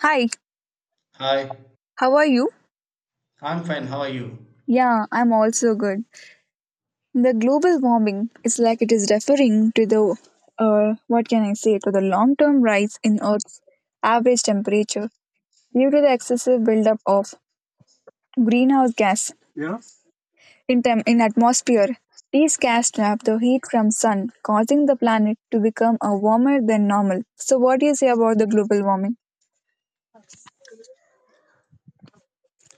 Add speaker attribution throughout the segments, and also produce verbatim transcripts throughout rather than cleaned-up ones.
Speaker 1: Hi,
Speaker 2: Hi,
Speaker 1: how are you?
Speaker 2: I'm fine. How are you?
Speaker 1: Yeah, I'm also good. The global warming is like it is referring to the, uh, what can I say, to the long term rise in Earth's average temperature due to the excessive buildup of greenhouse gas in, tem- in atmosphere. These gas trap the heat from sun, causing the planet to become a warmer than normal. So, what do you say about the global warming?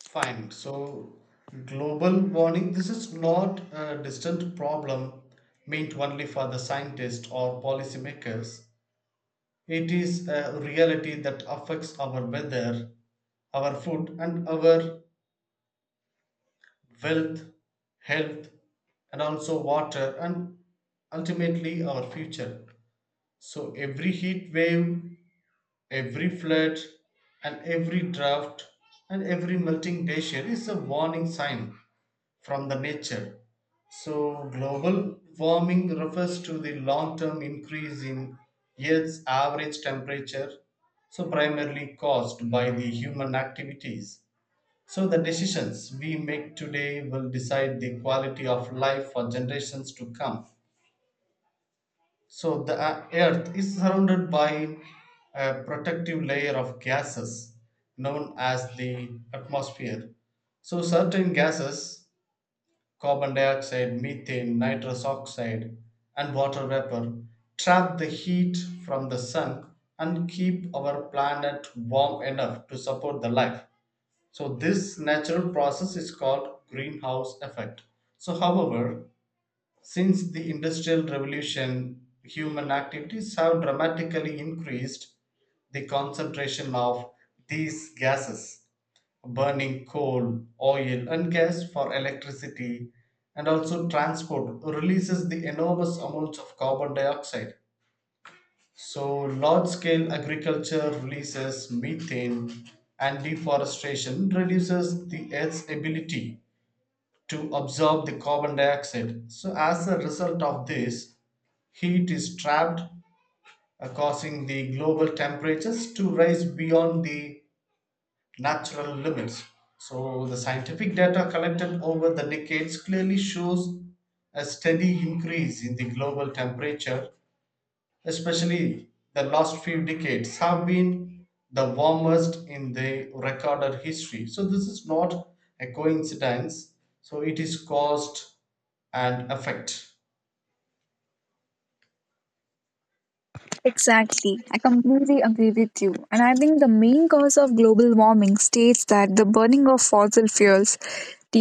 Speaker 2: Fine. So, global warming, this is not a distant problem meant only for the scientists or policymakers. It is a reality that affects our weather, our food, and our wealth, health, and also water, and ultimately our future. So, every heat wave. Every flood and every drought and every melting glacier is a warning sign from the nature. So, global warming refers to the long term increase in Earth's average temperature, so primarily caused by the human activities. So, the decisions we make today will decide the quality of life for generations to come. So the uh, Earth is surrounded by a protective layer of gases known as the atmosphere. So certain gases, carbon dioxide, methane, nitrous oxide, and water vapor, trap the heat from the sun and keep our planet warm enough to support the life. So this natural process is called greenhouse effect. So however, since the Industrial Revolution, human activities have dramatically increased the concentration of these gases, burning coal, oil, and gas for electricity, and also transport releases the enormous amounts of carbon dioxide. So, large scale agriculture releases methane, and deforestation reduces the Earth's ability to absorb the carbon dioxide. So, as a result of this, heat is trapped, uh, causing the global temperatures to rise beyond the natural limits. So, the scientific data collected over the decades clearly shows a steady increase in the global temperature, especially the last few decades have been the warmest in the recorded history. So, this is not a coincidence. So, it is caused and effect.
Speaker 1: Exactly. I completely agree with you. And I think the main cause of global warming states that the burning of fossil fuels,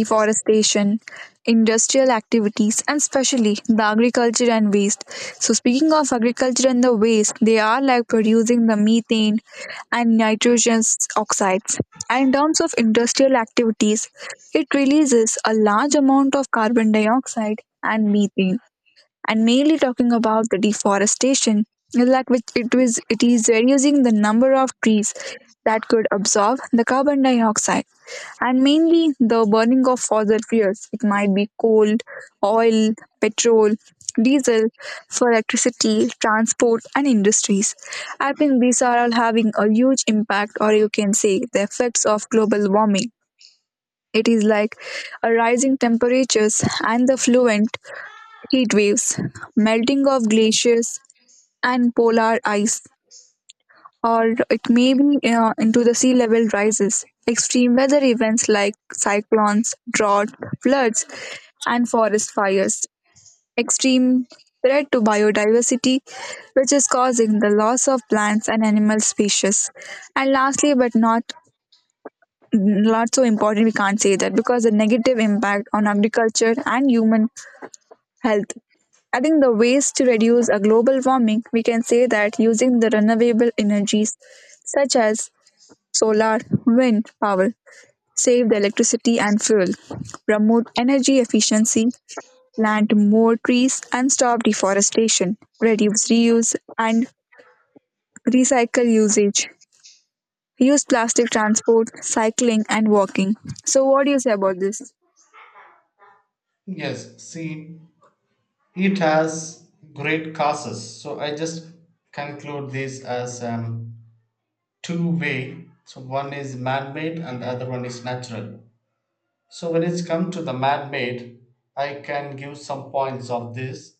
Speaker 2: Yes.
Speaker 1: industrial activities, and especially the agriculture and waste. So, speaking of agriculture and the waste, they are like producing the methane and nitrogen oxides. And in terms of industrial activities, it releases a large amount of carbon dioxide and methane, and mainly talking about the deforestation, like which it was it is reducing the number of trees that could absorb the carbon dioxide, and mainly the burning of fossil fuels. It might be coal, oil, petrol, diesel for electricity, transport, and industries. I think these are all having a huge impact, or you can say the effects of global warming. It is like a rising temperatures and the fluent heat waves, melting of glaciers and polar ice, or it may be, uh, into the sea level rises. Extreme weather events like cyclones, drought, floods, and forest fires. Extreme threat to biodiversity, which is causing the loss of plants and animal species. And lastly, but not not so important, we can't say that, because the negative impact on agriculture and human health. Adding the ways to reduce a global warming, we can say that using the renewable energies such as solar, wind power, save the electricity and fuel, promote energy efficiency, plant more trees and stop deforestation, reduce reuse and recycle usage, use plastic transport, cycling and walking. So what do you say about this?
Speaker 2: Yes, see, it has great causes, so I just conclude this as um, two way. So one is man-made and the other one is natural. So when it's come to the man-made, I can give some points of this.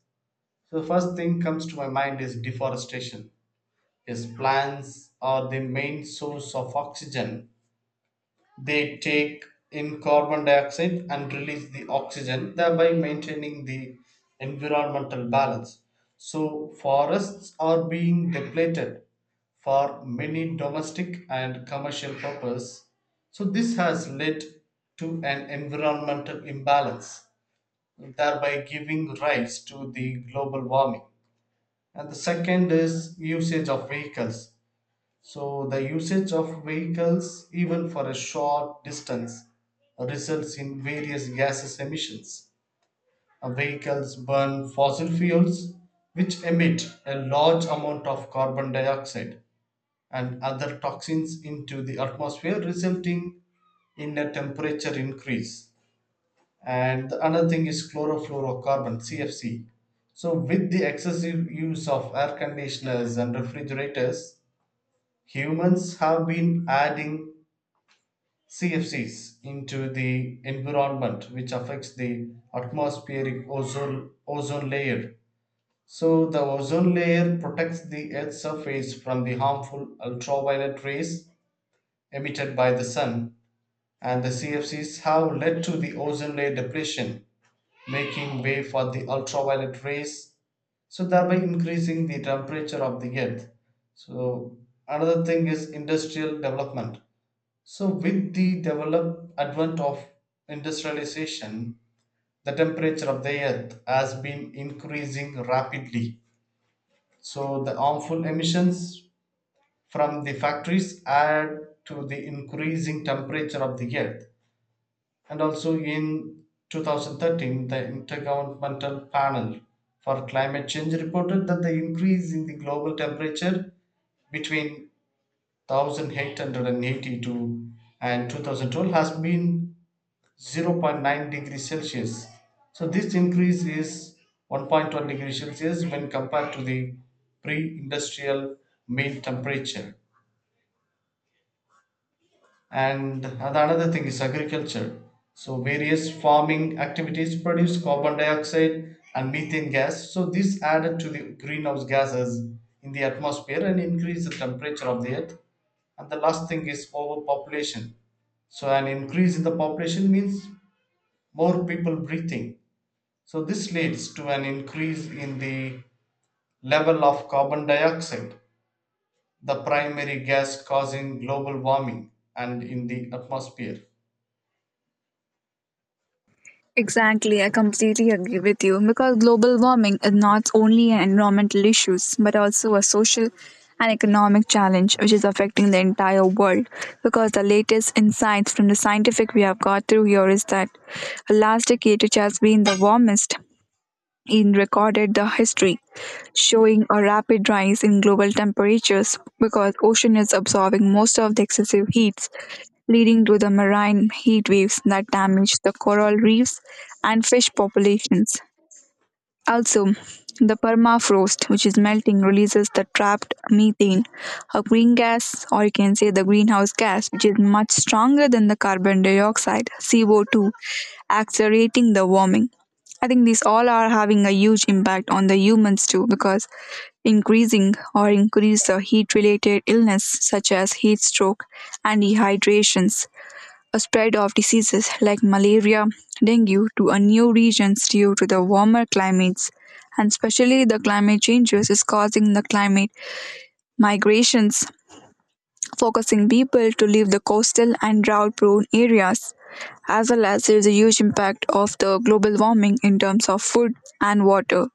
Speaker 2: So the first thing comes to my mind is deforestation. Yes, plants are the main source of oxygen. They take in carbon dioxide and release the oxygen, thereby maintaining the environmental balance. So, forests are being depleted for many domestic and commercial purposes. So, this has led to an environmental imbalance, thereby giving rise to the global warming. And the second is usage of vehicles. So the usage of vehicles, even for a short distance, results in various gases emissions. Uh, Vehicles burn fossil fuels, which emit a large amount of carbon dioxide and other toxins into the atmosphere, resulting in a temperature increase. And the another thing is chlorofluorocarbon, C F C. So, with the excessive use of air conditioners and refrigerators, humans have been adding C F Cs into the environment, which affects the atmospheric ozone, ozone layer. So, the ozone layer protects the Earth's surface from the harmful ultraviolet rays emitted by the sun, and the C F Cs have led to the ozone layer depletion, making way for the ultraviolet rays, so thereby increasing the temperature of the Earth. So, another thing is industrial development. So, with the develop advent of industrialization, the temperature of the earth has been increasing rapidly. So, the harmful emissions from the factories add to the increasing temperature of the earth. And also in twenty thirteen, the Intergovernmental Panel for Climate Change reported that the increase in the global temperature between one thousand eight hundred eighty two and two thousand twelve has been zero point zero point nine degrees Celsius. So this increase is one point one degrees Celsius when compared to the pre-industrial mean temperature. And another thing is agriculture. So various farming activities produce carbon dioxide and methane gas. So this added to the greenhouse gases in the atmosphere and increase the temperature of the earth. And the last thing is overpopulation. So an increase in the population means more people breathing. So, this leads to an increase in the level of carbon dioxide, the primary gas causing global warming, and in the atmosphere.
Speaker 1: Exactly, I completely agree with you, because global warming is not only an environmental issue but also a social and economic challenge which is affecting the entire world. Because the latest insights from the scientific we have got through here is that the last decade, which has been the warmest, in recorded the history, showing a rapid rise in global temperatures, because ocean is absorbing most of the excessive heats, leading to the marine heat waves that damage the coral reefs and fish populations. Also, the permafrost, which is melting, releases the trapped methane, a green gas, or you can say the greenhouse gas, which is much stronger than the carbon dioxide, C O two, accelerating the warming. I think these all are having a huge impact on the humans too, because increasing or increase the heat related illness such as heat stroke and dehydrations, a spread of diseases like malaria, dengue to a new regions due to the warmer climates, and especially the climate changes is causing the climate migrations, focusing people to leave the coastal and drought prone areas. As well as there is a huge impact of the global warming in terms of food and water,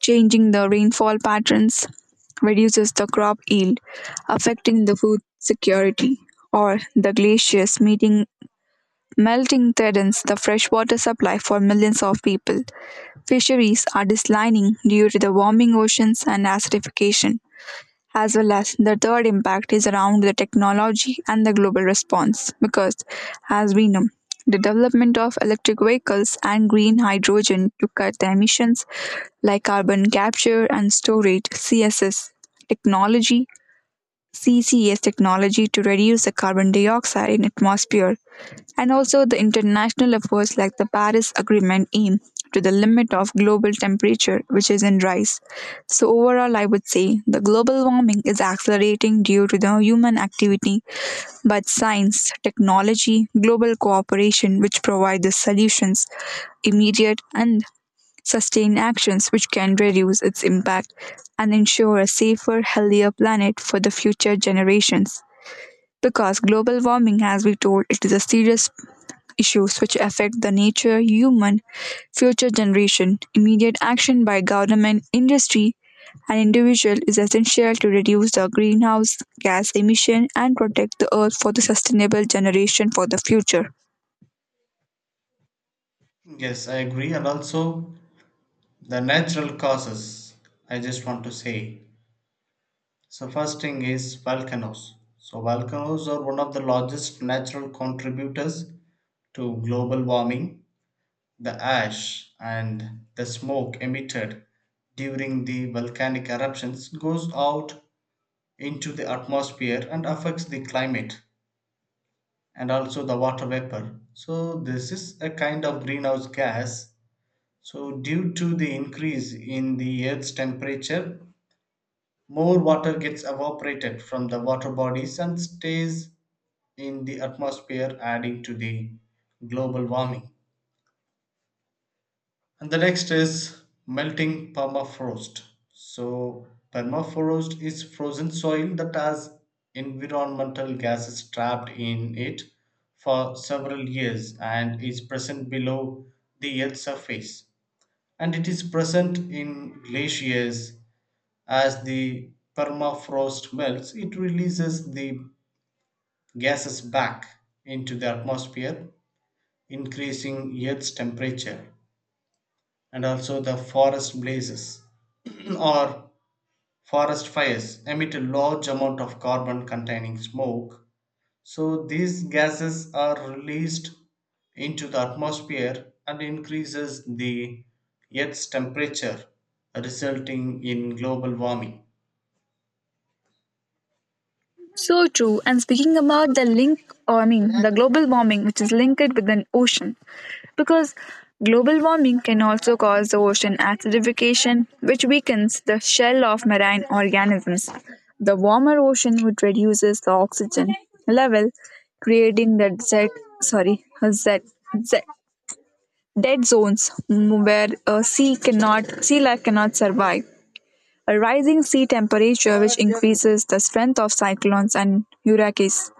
Speaker 1: changing the rainfall patterns, reduces the crop yield, affecting the food security, or the glaciers meeting melting threatens the freshwater supply for millions of people. Fisheries are declining due to the warming oceans and acidification. As well as the third impact is around the technology and the global response because, as we know, the development of electric vehicles and green hydrogen to cut the emissions, like carbon capture and storage, C S S, technology, C C S technology to reduce the carbon dioxide in atmosphere, and also the international efforts like the Paris Agreement aim to the limit of global temperature which is in rise. So overall I would say the global warming is accelerating due to the human activity, but science, technology, global cooperation which provide the solutions immediate and sustain actions which can reduce its impact and ensure a safer, healthier planet for the future generations. Because global warming, as we told, it is a serious issues which affect the nature, human, future generation. Immediate action by government, industry, and individual is essential to reduce the greenhouse gas emission and protect the earth for the sustainable generation for the future.
Speaker 2: Yes, I agree. And also the natural causes, I just want to say. So, first thing is volcanoes. So, volcanoes are one of the largest natural contributors to global warming. The ash and the smoke emitted during the volcanic eruptions goes out into the atmosphere and affects the climate, and also the water vapor. So, this is a kind of greenhouse gas. So, due to the increase in the Earth's temperature, more water gets evaporated from the water bodies and stays in the atmosphere, adding to the global warming. And the next is melting permafrost. So, permafrost is frozen soil that has environmental gases trapped in it for several years and is present below the Earth's surface. And it is present in glaciers. As the permafrost melts, it releases the gases back into the atmosphere, increasing Earth's temperature. And also the forest blazes or forest fires emit a large amount of carbon containing smoke. So these gases are released into the atmosphere and increases the Earth's temperature, resulting in global warming.
Speaker 1: So true. And speaking about the link, or I mean, the global warming, which is linked with an ocean, because global warming can also cause the ocean acidification, which weakens the shell of marine organisms. The warmer ocean, which reduces the oxygen level, creating the Z, sorry, Z, Z, dead zones, mm, where uh, sea cannot, sea life cannot survive a rising sea temperature which increases the strength of cyclones and hurricanes.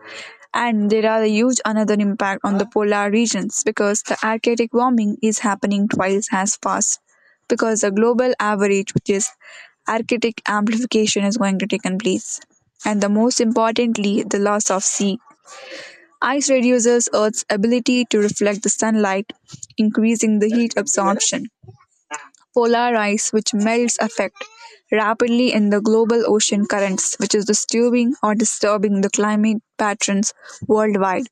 Speaker 1: And there are a huge another impact on the polar regions, because the Arctic warming is happening twice as fast because the global average, which is Arctic amplification, is going to take place. And the most importantly, the loss of sea. Ice reduces Earth's ability to reflect the sunlight, increasing the heat absorption, polar ice which melts affect rapidly in the global ocean currents which is disturbing or disturbing the climate patterns worldwide,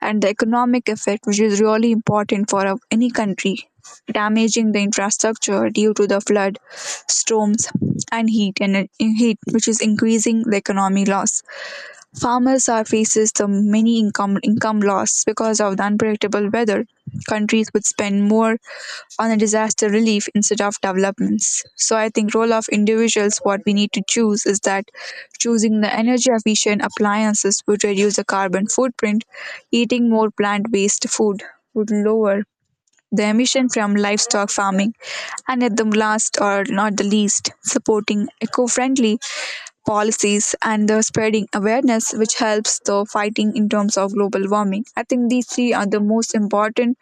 Speaker 1: and the economic effect which is really important for a- any country, damaging the infrastructure due to the flood, storms, and heat and, uh, heat which is increasing the economy loss. Farmers are faces the many income income loss because of the unpredictable weather. Countries would spend more on a disaster relief instead of developments. So I think role of individuals what we need to choose is that choosing the energy efficient appliances would reduce the carbon footprint, eating more plant based food would lower the emission from livestock farming, and at the last or not the least, supporting eco-friendly policies and the spreading awareness which helps the fighting in terms of global warming. I think these three are the most important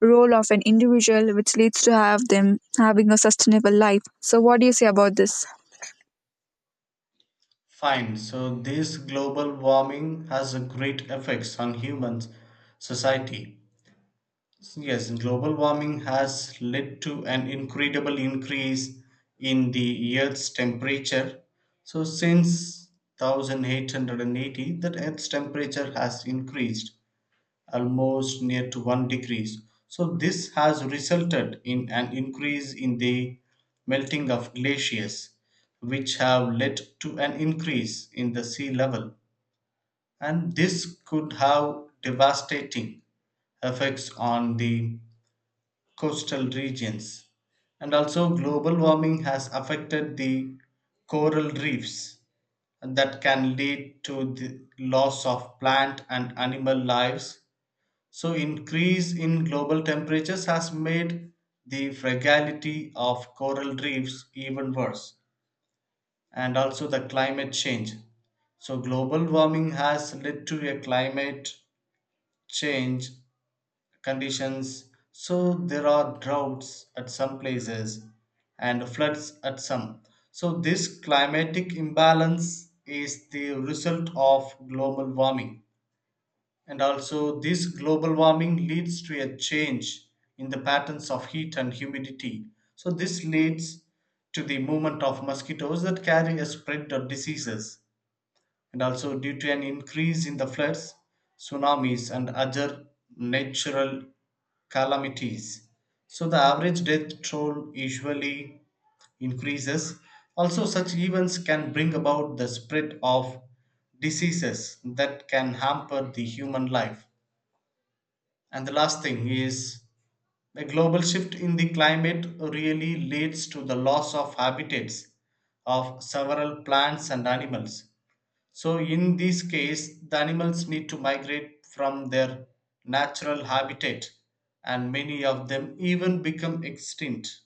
Speaker 1: role of an individual which leads to have them having a sustainable life. So what do you say about this?
Speaker 2: Fine, so this global warming has a great effects on humans, society. Yes, global warming has led to an incredible increase in the Earth's temperature. So, since eighteen eighty, the Earth's temperature has increased almost near to one degree. So, this has resulted in an increase in the melting of glaciers, which have led to an increase in the sea level. And this could have devastating effects on the coastal regions. And also, global warming has affected the coral reefs, and that can lead to the loss of plant and animal lives. So, increase in global temperatures has made the fragility of coral reefs even worse, and also the climate change. So, global warming has led to a climate change conditions. So there are droughts at some places and floods at some. So this climatic imbalance is the result of global warming, and also this global warming leads to a change in the patterns of heat and humidity. So this leads to the movement of mosquitoes that carry a spread of diseases, and also due to an increase in the floods, tsunamis and other natural calamities. So the average death toll usually increases. Also, such events can bring about the spread of diseases that can hamper the human life. And the last thing is the global shift in the climate really leads to the loss of habitats of several plants and animals. So in this case, the animals need to migrate from their natural habitat and many of them even become extinct.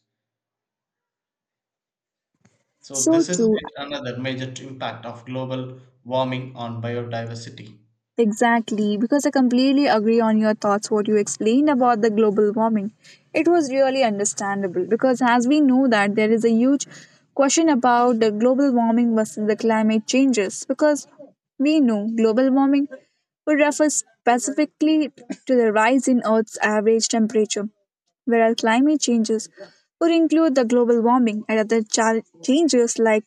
Speaker 2: So
Speaker 1: So
Speaker 2: this is
Speaker 1: true.
Speaker 2: yet another major impact of global warming on biodiversity.
Speaker 1: Exactly, because I completely agree on your thoughts what you explained about the global warming. It was really understandable, because as we know that there is a huge question about the global warming versus the climate changes, because we know global warming would refer specifically to the rise in Earth's average temperature, whereas climate changes would include the global warming and other cha- changes like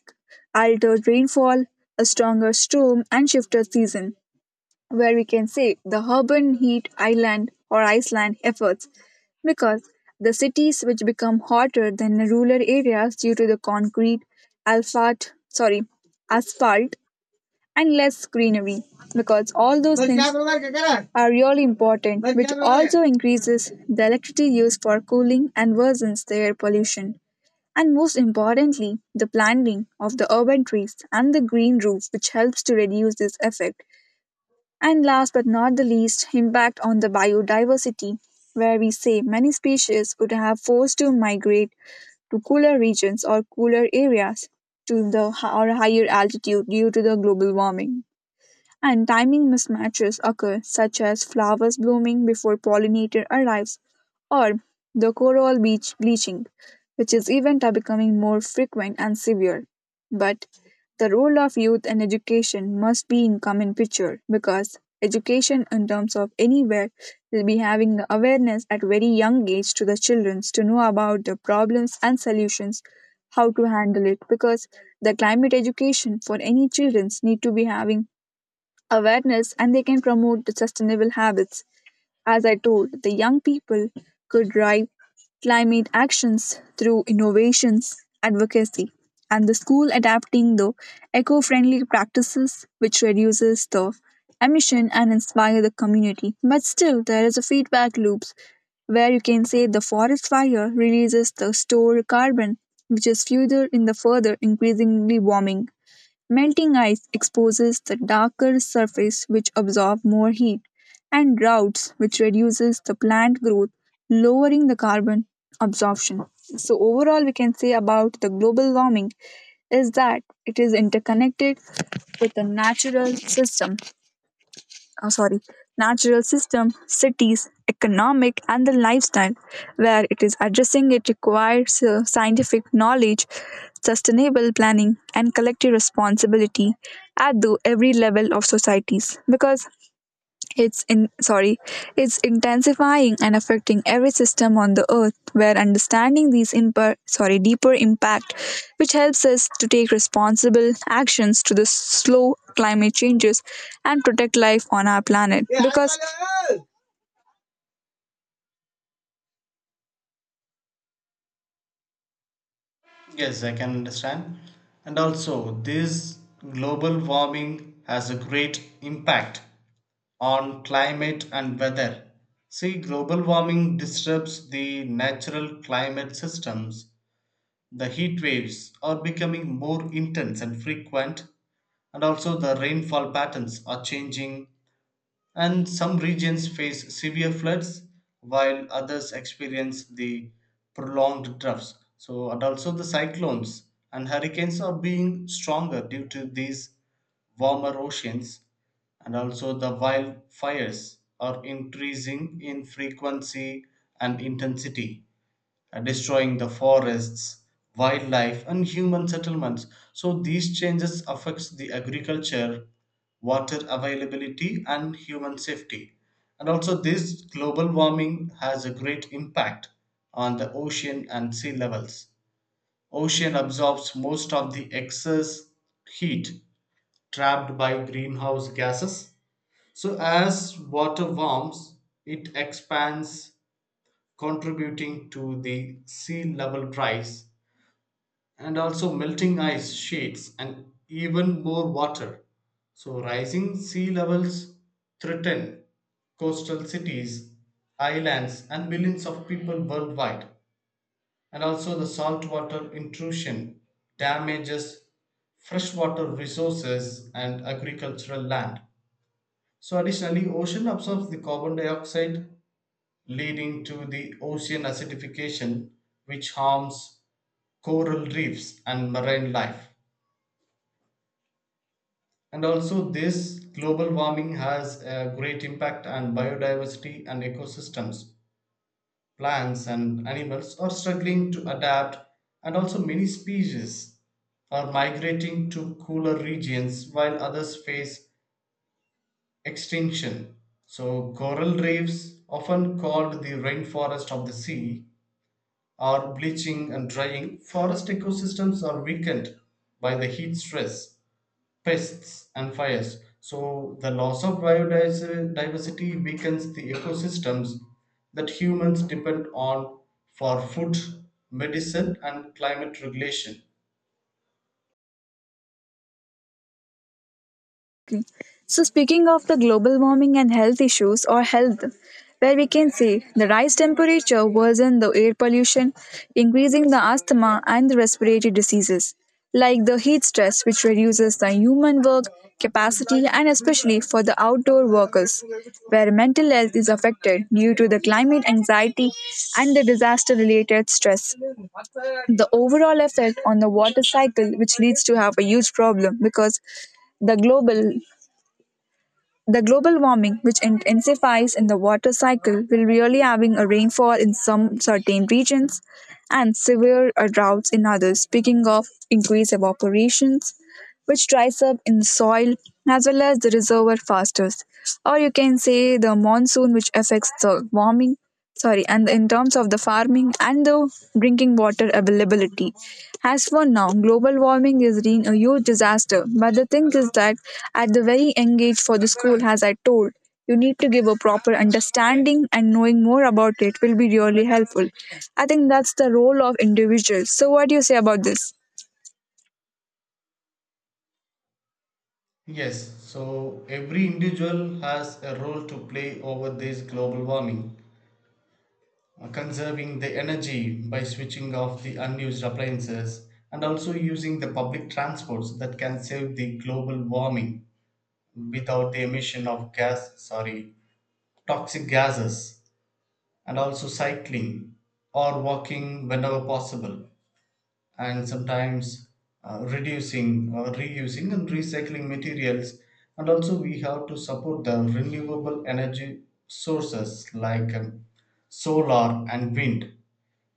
Speaker 1: altered rainfall, a stronger storm, and shifted season, where we can say the urban heat island or Iceland efforts, because the cities which become hotter than the rural areas due to the concrete, alphalt, sorry, asphalt and less greenery, because all those things are really important, which also increases the electricity used for cooling and worsens the air pollution, and most importantly the planting of the urban trees and the green roof which helps to reduce this effect, and last but not the least, impact on the biodiversity, where we say many species would have forced to migrate to cooler regions or cooler areas to the or higher altitude due to the global warming, and timing mismatches occur, such as flowers blooming before pollinator arrives, or the coral beach bleaching, which is event are becoming more frequent and severe. But the role of youth and education must be in common picture, because education in terms of anywhere will be having the awareness at very young age to the children to know about the problems and solutions how to handle it, because the climate education for any children need to be having awareness and they can promote the sustainable habits. As I told, the young people could drive climate actions through innovations, advocacy, and the school adapting the eco-friendly practices which reduces the emission and inspire the community. But still, there is a feedback loops where you can say the forest fire releases the stored carbon, which is further in the further increasingly warming. Melting ice exposes the darker surface which absorbs more heat, and droughts which reduces the plant growth, lowering the carbon absorption. So overall we can say about the global warming is that it is interconnected with the natural system, oh, sorry, natural system, cities, economic, and the lifestyle. Where it is addressing it requires uh, scientific knowledge, sustainable planning, and collective responsibility at the every level of societies. Because it's in sorry, it's intensifying and affecting every system on the earth. Where understanding these imper, sorry, deeper impact, which helps us to take responsible actions to the slow climate changes and protect life on our planet. Because
Speaker 2: Yes, I can understand. And also this global warming has a great impact on climate and weather. See, global warming disturbs the natural climate systems. The heat waves are becoming more intense and frequent, and also the rainfall patterns are changing, and some regions face severe floods while others experience the prolonged droughts. So, and also the cyclones and hurricanes are being stronger due to these warmer oceans, and also the wildfires are increasing in frequency and intensity, destroying the forests, wildlife, and human settlements. So these changes affects the agriculture, water availability, and human safety. And also, this global warming has a great impact on the ocean and sea levels. Ocean absorbs most of the excess heat trapped by greenhouse gases. So, as water warms, it expands, contributing to the sea level rise, and also melting ice sheets and even more water. So, rising sea levels threaten coastal cities, islands, and millions of people worldwide. And also, the saltwater intrusion damages freshwater resources and agricultural land. So, additionally, ocean absorbs the carbon dioxide, leading to the ocean acidification, which harms coral reefs and marine life. And also, this global warming has a great impact on biodiversity and ecosystems. Plants and animals are struggling to adapt, and also, many species are migrating to cooler regions while others face extinction. So, coral reefs, often called the rainforest of the sea, are bleaching and drying. Forest ecosystems are weakened by the heat stress, pests, and fires. So the loss of biodiversity weakens the ecosystems that humans depend on for food, medicine, and climate regulation.
Speaker 1: so, speaking of the global warming and health issues or health, where we can see the rise temperature worsen the air pollution, increasing the asthma and the respiratory diseases, like the heat stress, which reduces the human work capacity and especially for the outdoor workers, where mental health is affected due to the climate anxiety and the disaster related stress. The overall effect on the water cycle, which leads to have a huge problem because the global the global warming, which intensifies in the water cycle, will really having a rainfall in some certain regions and severe uh, droughts in others. Speaking of increased evaporations, which dries up in the soil as well as the reservoir fastest. Or you can say the monsoon, which affects the warming, sorry, and in terms of the farming and the drinking water availability. As for now, global warming is being a huge disaster. But the thing is that at the very young age for the school, as I told, you need to give a proper understanding and knowing more about it will be really helpful. I think that's the role of individuals. So, what do you say about this?
Speaker 2: Yes, so every individual has a role to play over this global warming, uh, conserving the energy by switching off the unused appliances and also using the public transports that can save the global warming without the emission of gas, sorry, toxic gases, and also cycling or walking whenever possible, and sometimes uh, reducing or reusing and recycling materials. And also, we have to support the renewable energy sources like um, solar and wind.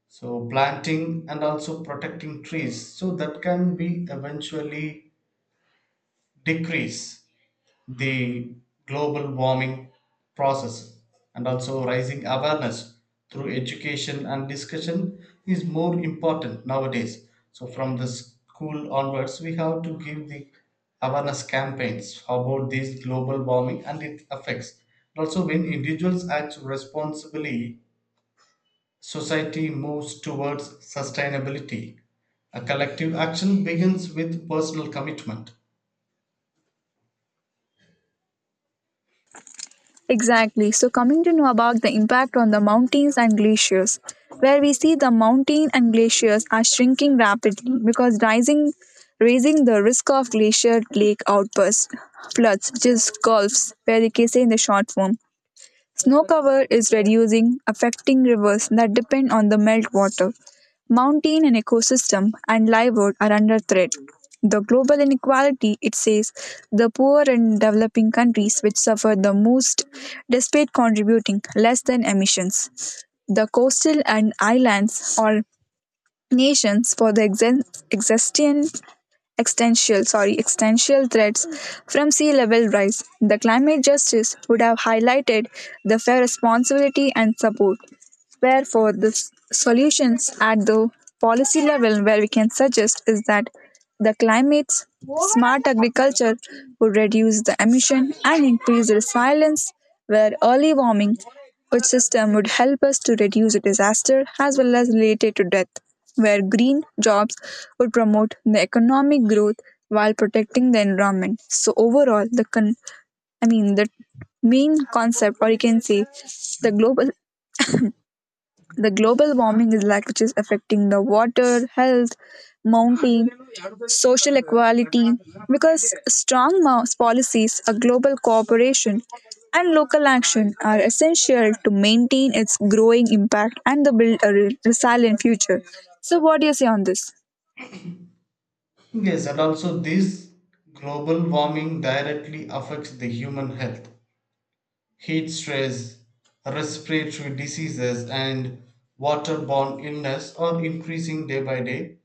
Speaker 2: So, planting and also protecting trees so that can be eventually decrease the global warming process, and also raising awareness through education and discussion is more important nowadays. So from the school onwards we have to give the awareness campaigns about this global warming and its effects. Also, when individuals act responsibly, society moves towards sustainability. A collective action begins with personal commitment.
Speaker 1: Exactly. So, coming to know about the impact on the mountains and glaciers, where we see the mountain and glaciers are shrinking rapidly because rising, raising the risk of glacier lake outbursts, floods, which is gulfs, where they can say in the short form. Snow cover is reducing, affecting rivers that depend on the meltwater. Mountain and ecosystem and livelihood are under threat. The global inequality, it says, the poor and developing countries which suffer the most despite contributing less than emissions. The coastal and islands are nations for the exen- existing existential sorry existential threats from sea level rise, the climate justice would have highlighted the fair responsibility and support. Therefore, the s- solutions at the policy level where we can suggest is that the climate's smart agriculture would reduce the emission and increase the resilience, where early warming, which system would help us to reduce the disaster as well as related to death, where green jobs would promote the economic growth while protecting the environment. So overall, the con- i mean the main concept or you can say the global the global warming is like which is affecting the water, health, mountain, social equality, because strong mo- policies, a global cooperation and local action are essential to maintain its growing impact and the build a re- resilient future. So what do you say on this?
Speaker 2: Yes, and also this global warming directly affects the human health. Heat stress, respiratory diseases, and waterborne illness are increasing day by day.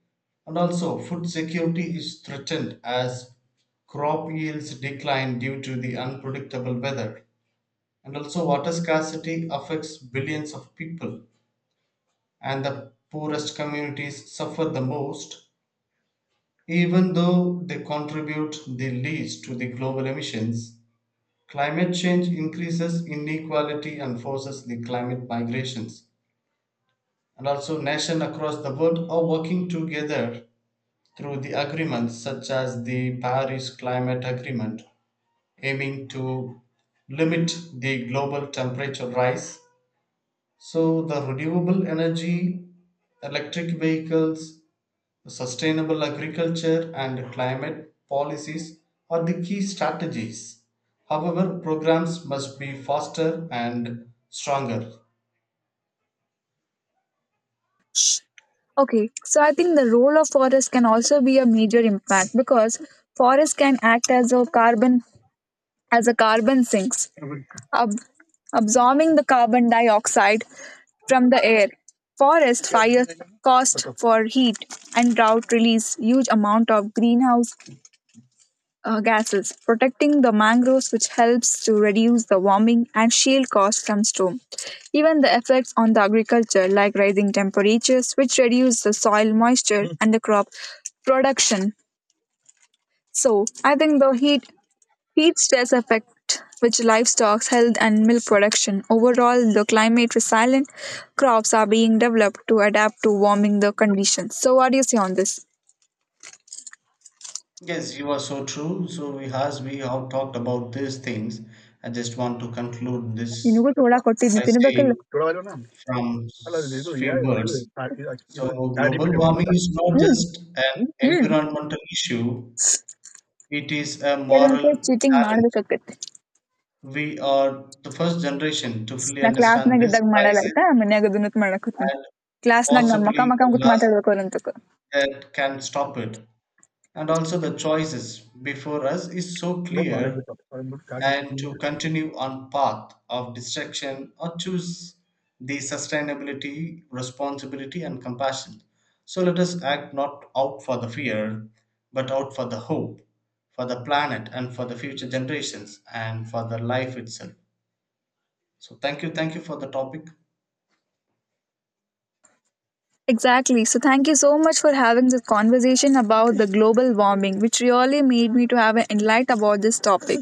Speaker 2: And also, food security is threatened as crop yields decline due to the unpredictable weather. And also, water scarcity affects billions of people, and the poorest communities suffer the most. Even though they contribute the least to the global emissions, climate change increases inequality and forces the climate migrations. And also, nations across the world are working together through the agreements such as the Paris Climate Agreement, aiming to limit the global temperature rise. So, the renewable energy, electric vehicles, sustainable agriculture, and climate policies are the key strategies. However, programs must be faster and stronger.
Speaker 1: Okay, so I think the role of forest can also be a major impact because forest can act as a carbon as a carbon sinks, ab- absorbing the carbon dioxide from the air. Forest fires cost for heat and drought release huge amount of greenhouse uh, gases, protecting the mangroves, which helps to reduce the warming and shield costs from storm. Even the effects on the agriculture, like rising temperatures, which reduce the soil moisture and the crop production. So I think the heat heat stress affect which livestock's health and milk production. Overall, the climate resilient crops are being developed to adapt to warming the conditions. So what do you say on this?
Speaker 2: Yes, you are so true. So we has we have talked about these things. I just want to conclude this
Speaker 1: ನಿನಗೂ ತೋಳ ಕೊಟ್ಟಿದ್ನಿ
Speaker 2: by
Speaker 1: ತಿನ್ಬೇಕಲ್ಲ.
Speaker 2: saying from s- few words. So global warming is not
Speaker 1: hmm.
Speaker 2: just an
Speaker 1: hmm.
Speaker 2: environmental issue; it is a moral
Speaker 1: ಕೆಲವೊಂದ್ಸಲ cheating
Speaker 2: challenge.
Speaker 1: ಮಾಡ್ಬೇಕಾಕತಿ.
Speaker 2: We are the first generation to fully
Speaker 1: ನಾ
Speaker 2: understand
Speaker 1: ಕ್ಲಾಸ್ನಾಗ
Speaker 2: this
Speaker 1: ಇದ್ದಾಗ ಮಾಡಲ್ಲ
Speaker 2: crisis
Speaker 1: ಆಯ್ತಾ ಮನ್ಯಾಗ ಅದನ್ನ ಮಾಡಕತ್ತೀನಿ.
Speaker 2: and
Speaker 1: ಕ್ಲಾಸ್ನಾಗ ನಮ್ಮ ಮಕ್ಕ
Speaker 2: possibly the
Speaker 1: ಮಕ್ಕ ಕೂತ್
Speaker 2: last
Speaker 1: ಮಾತಾಡ್ಬೇಕು ಅಂತಕ.
Speaker 2: that can stop it. And also, the choices before us is so clear, and to continue on path of destruction or choose the sustainability, responsibility, and compassion. So let us act not out for the fear, but out for the hope, for the planet, and for the future generations, and for the life itself. So thank you, thank you for the topic.
Speaker 1: Exactly. So, thank you so much for having this conversation about the global warming, which really made me to have an enlight about this topic.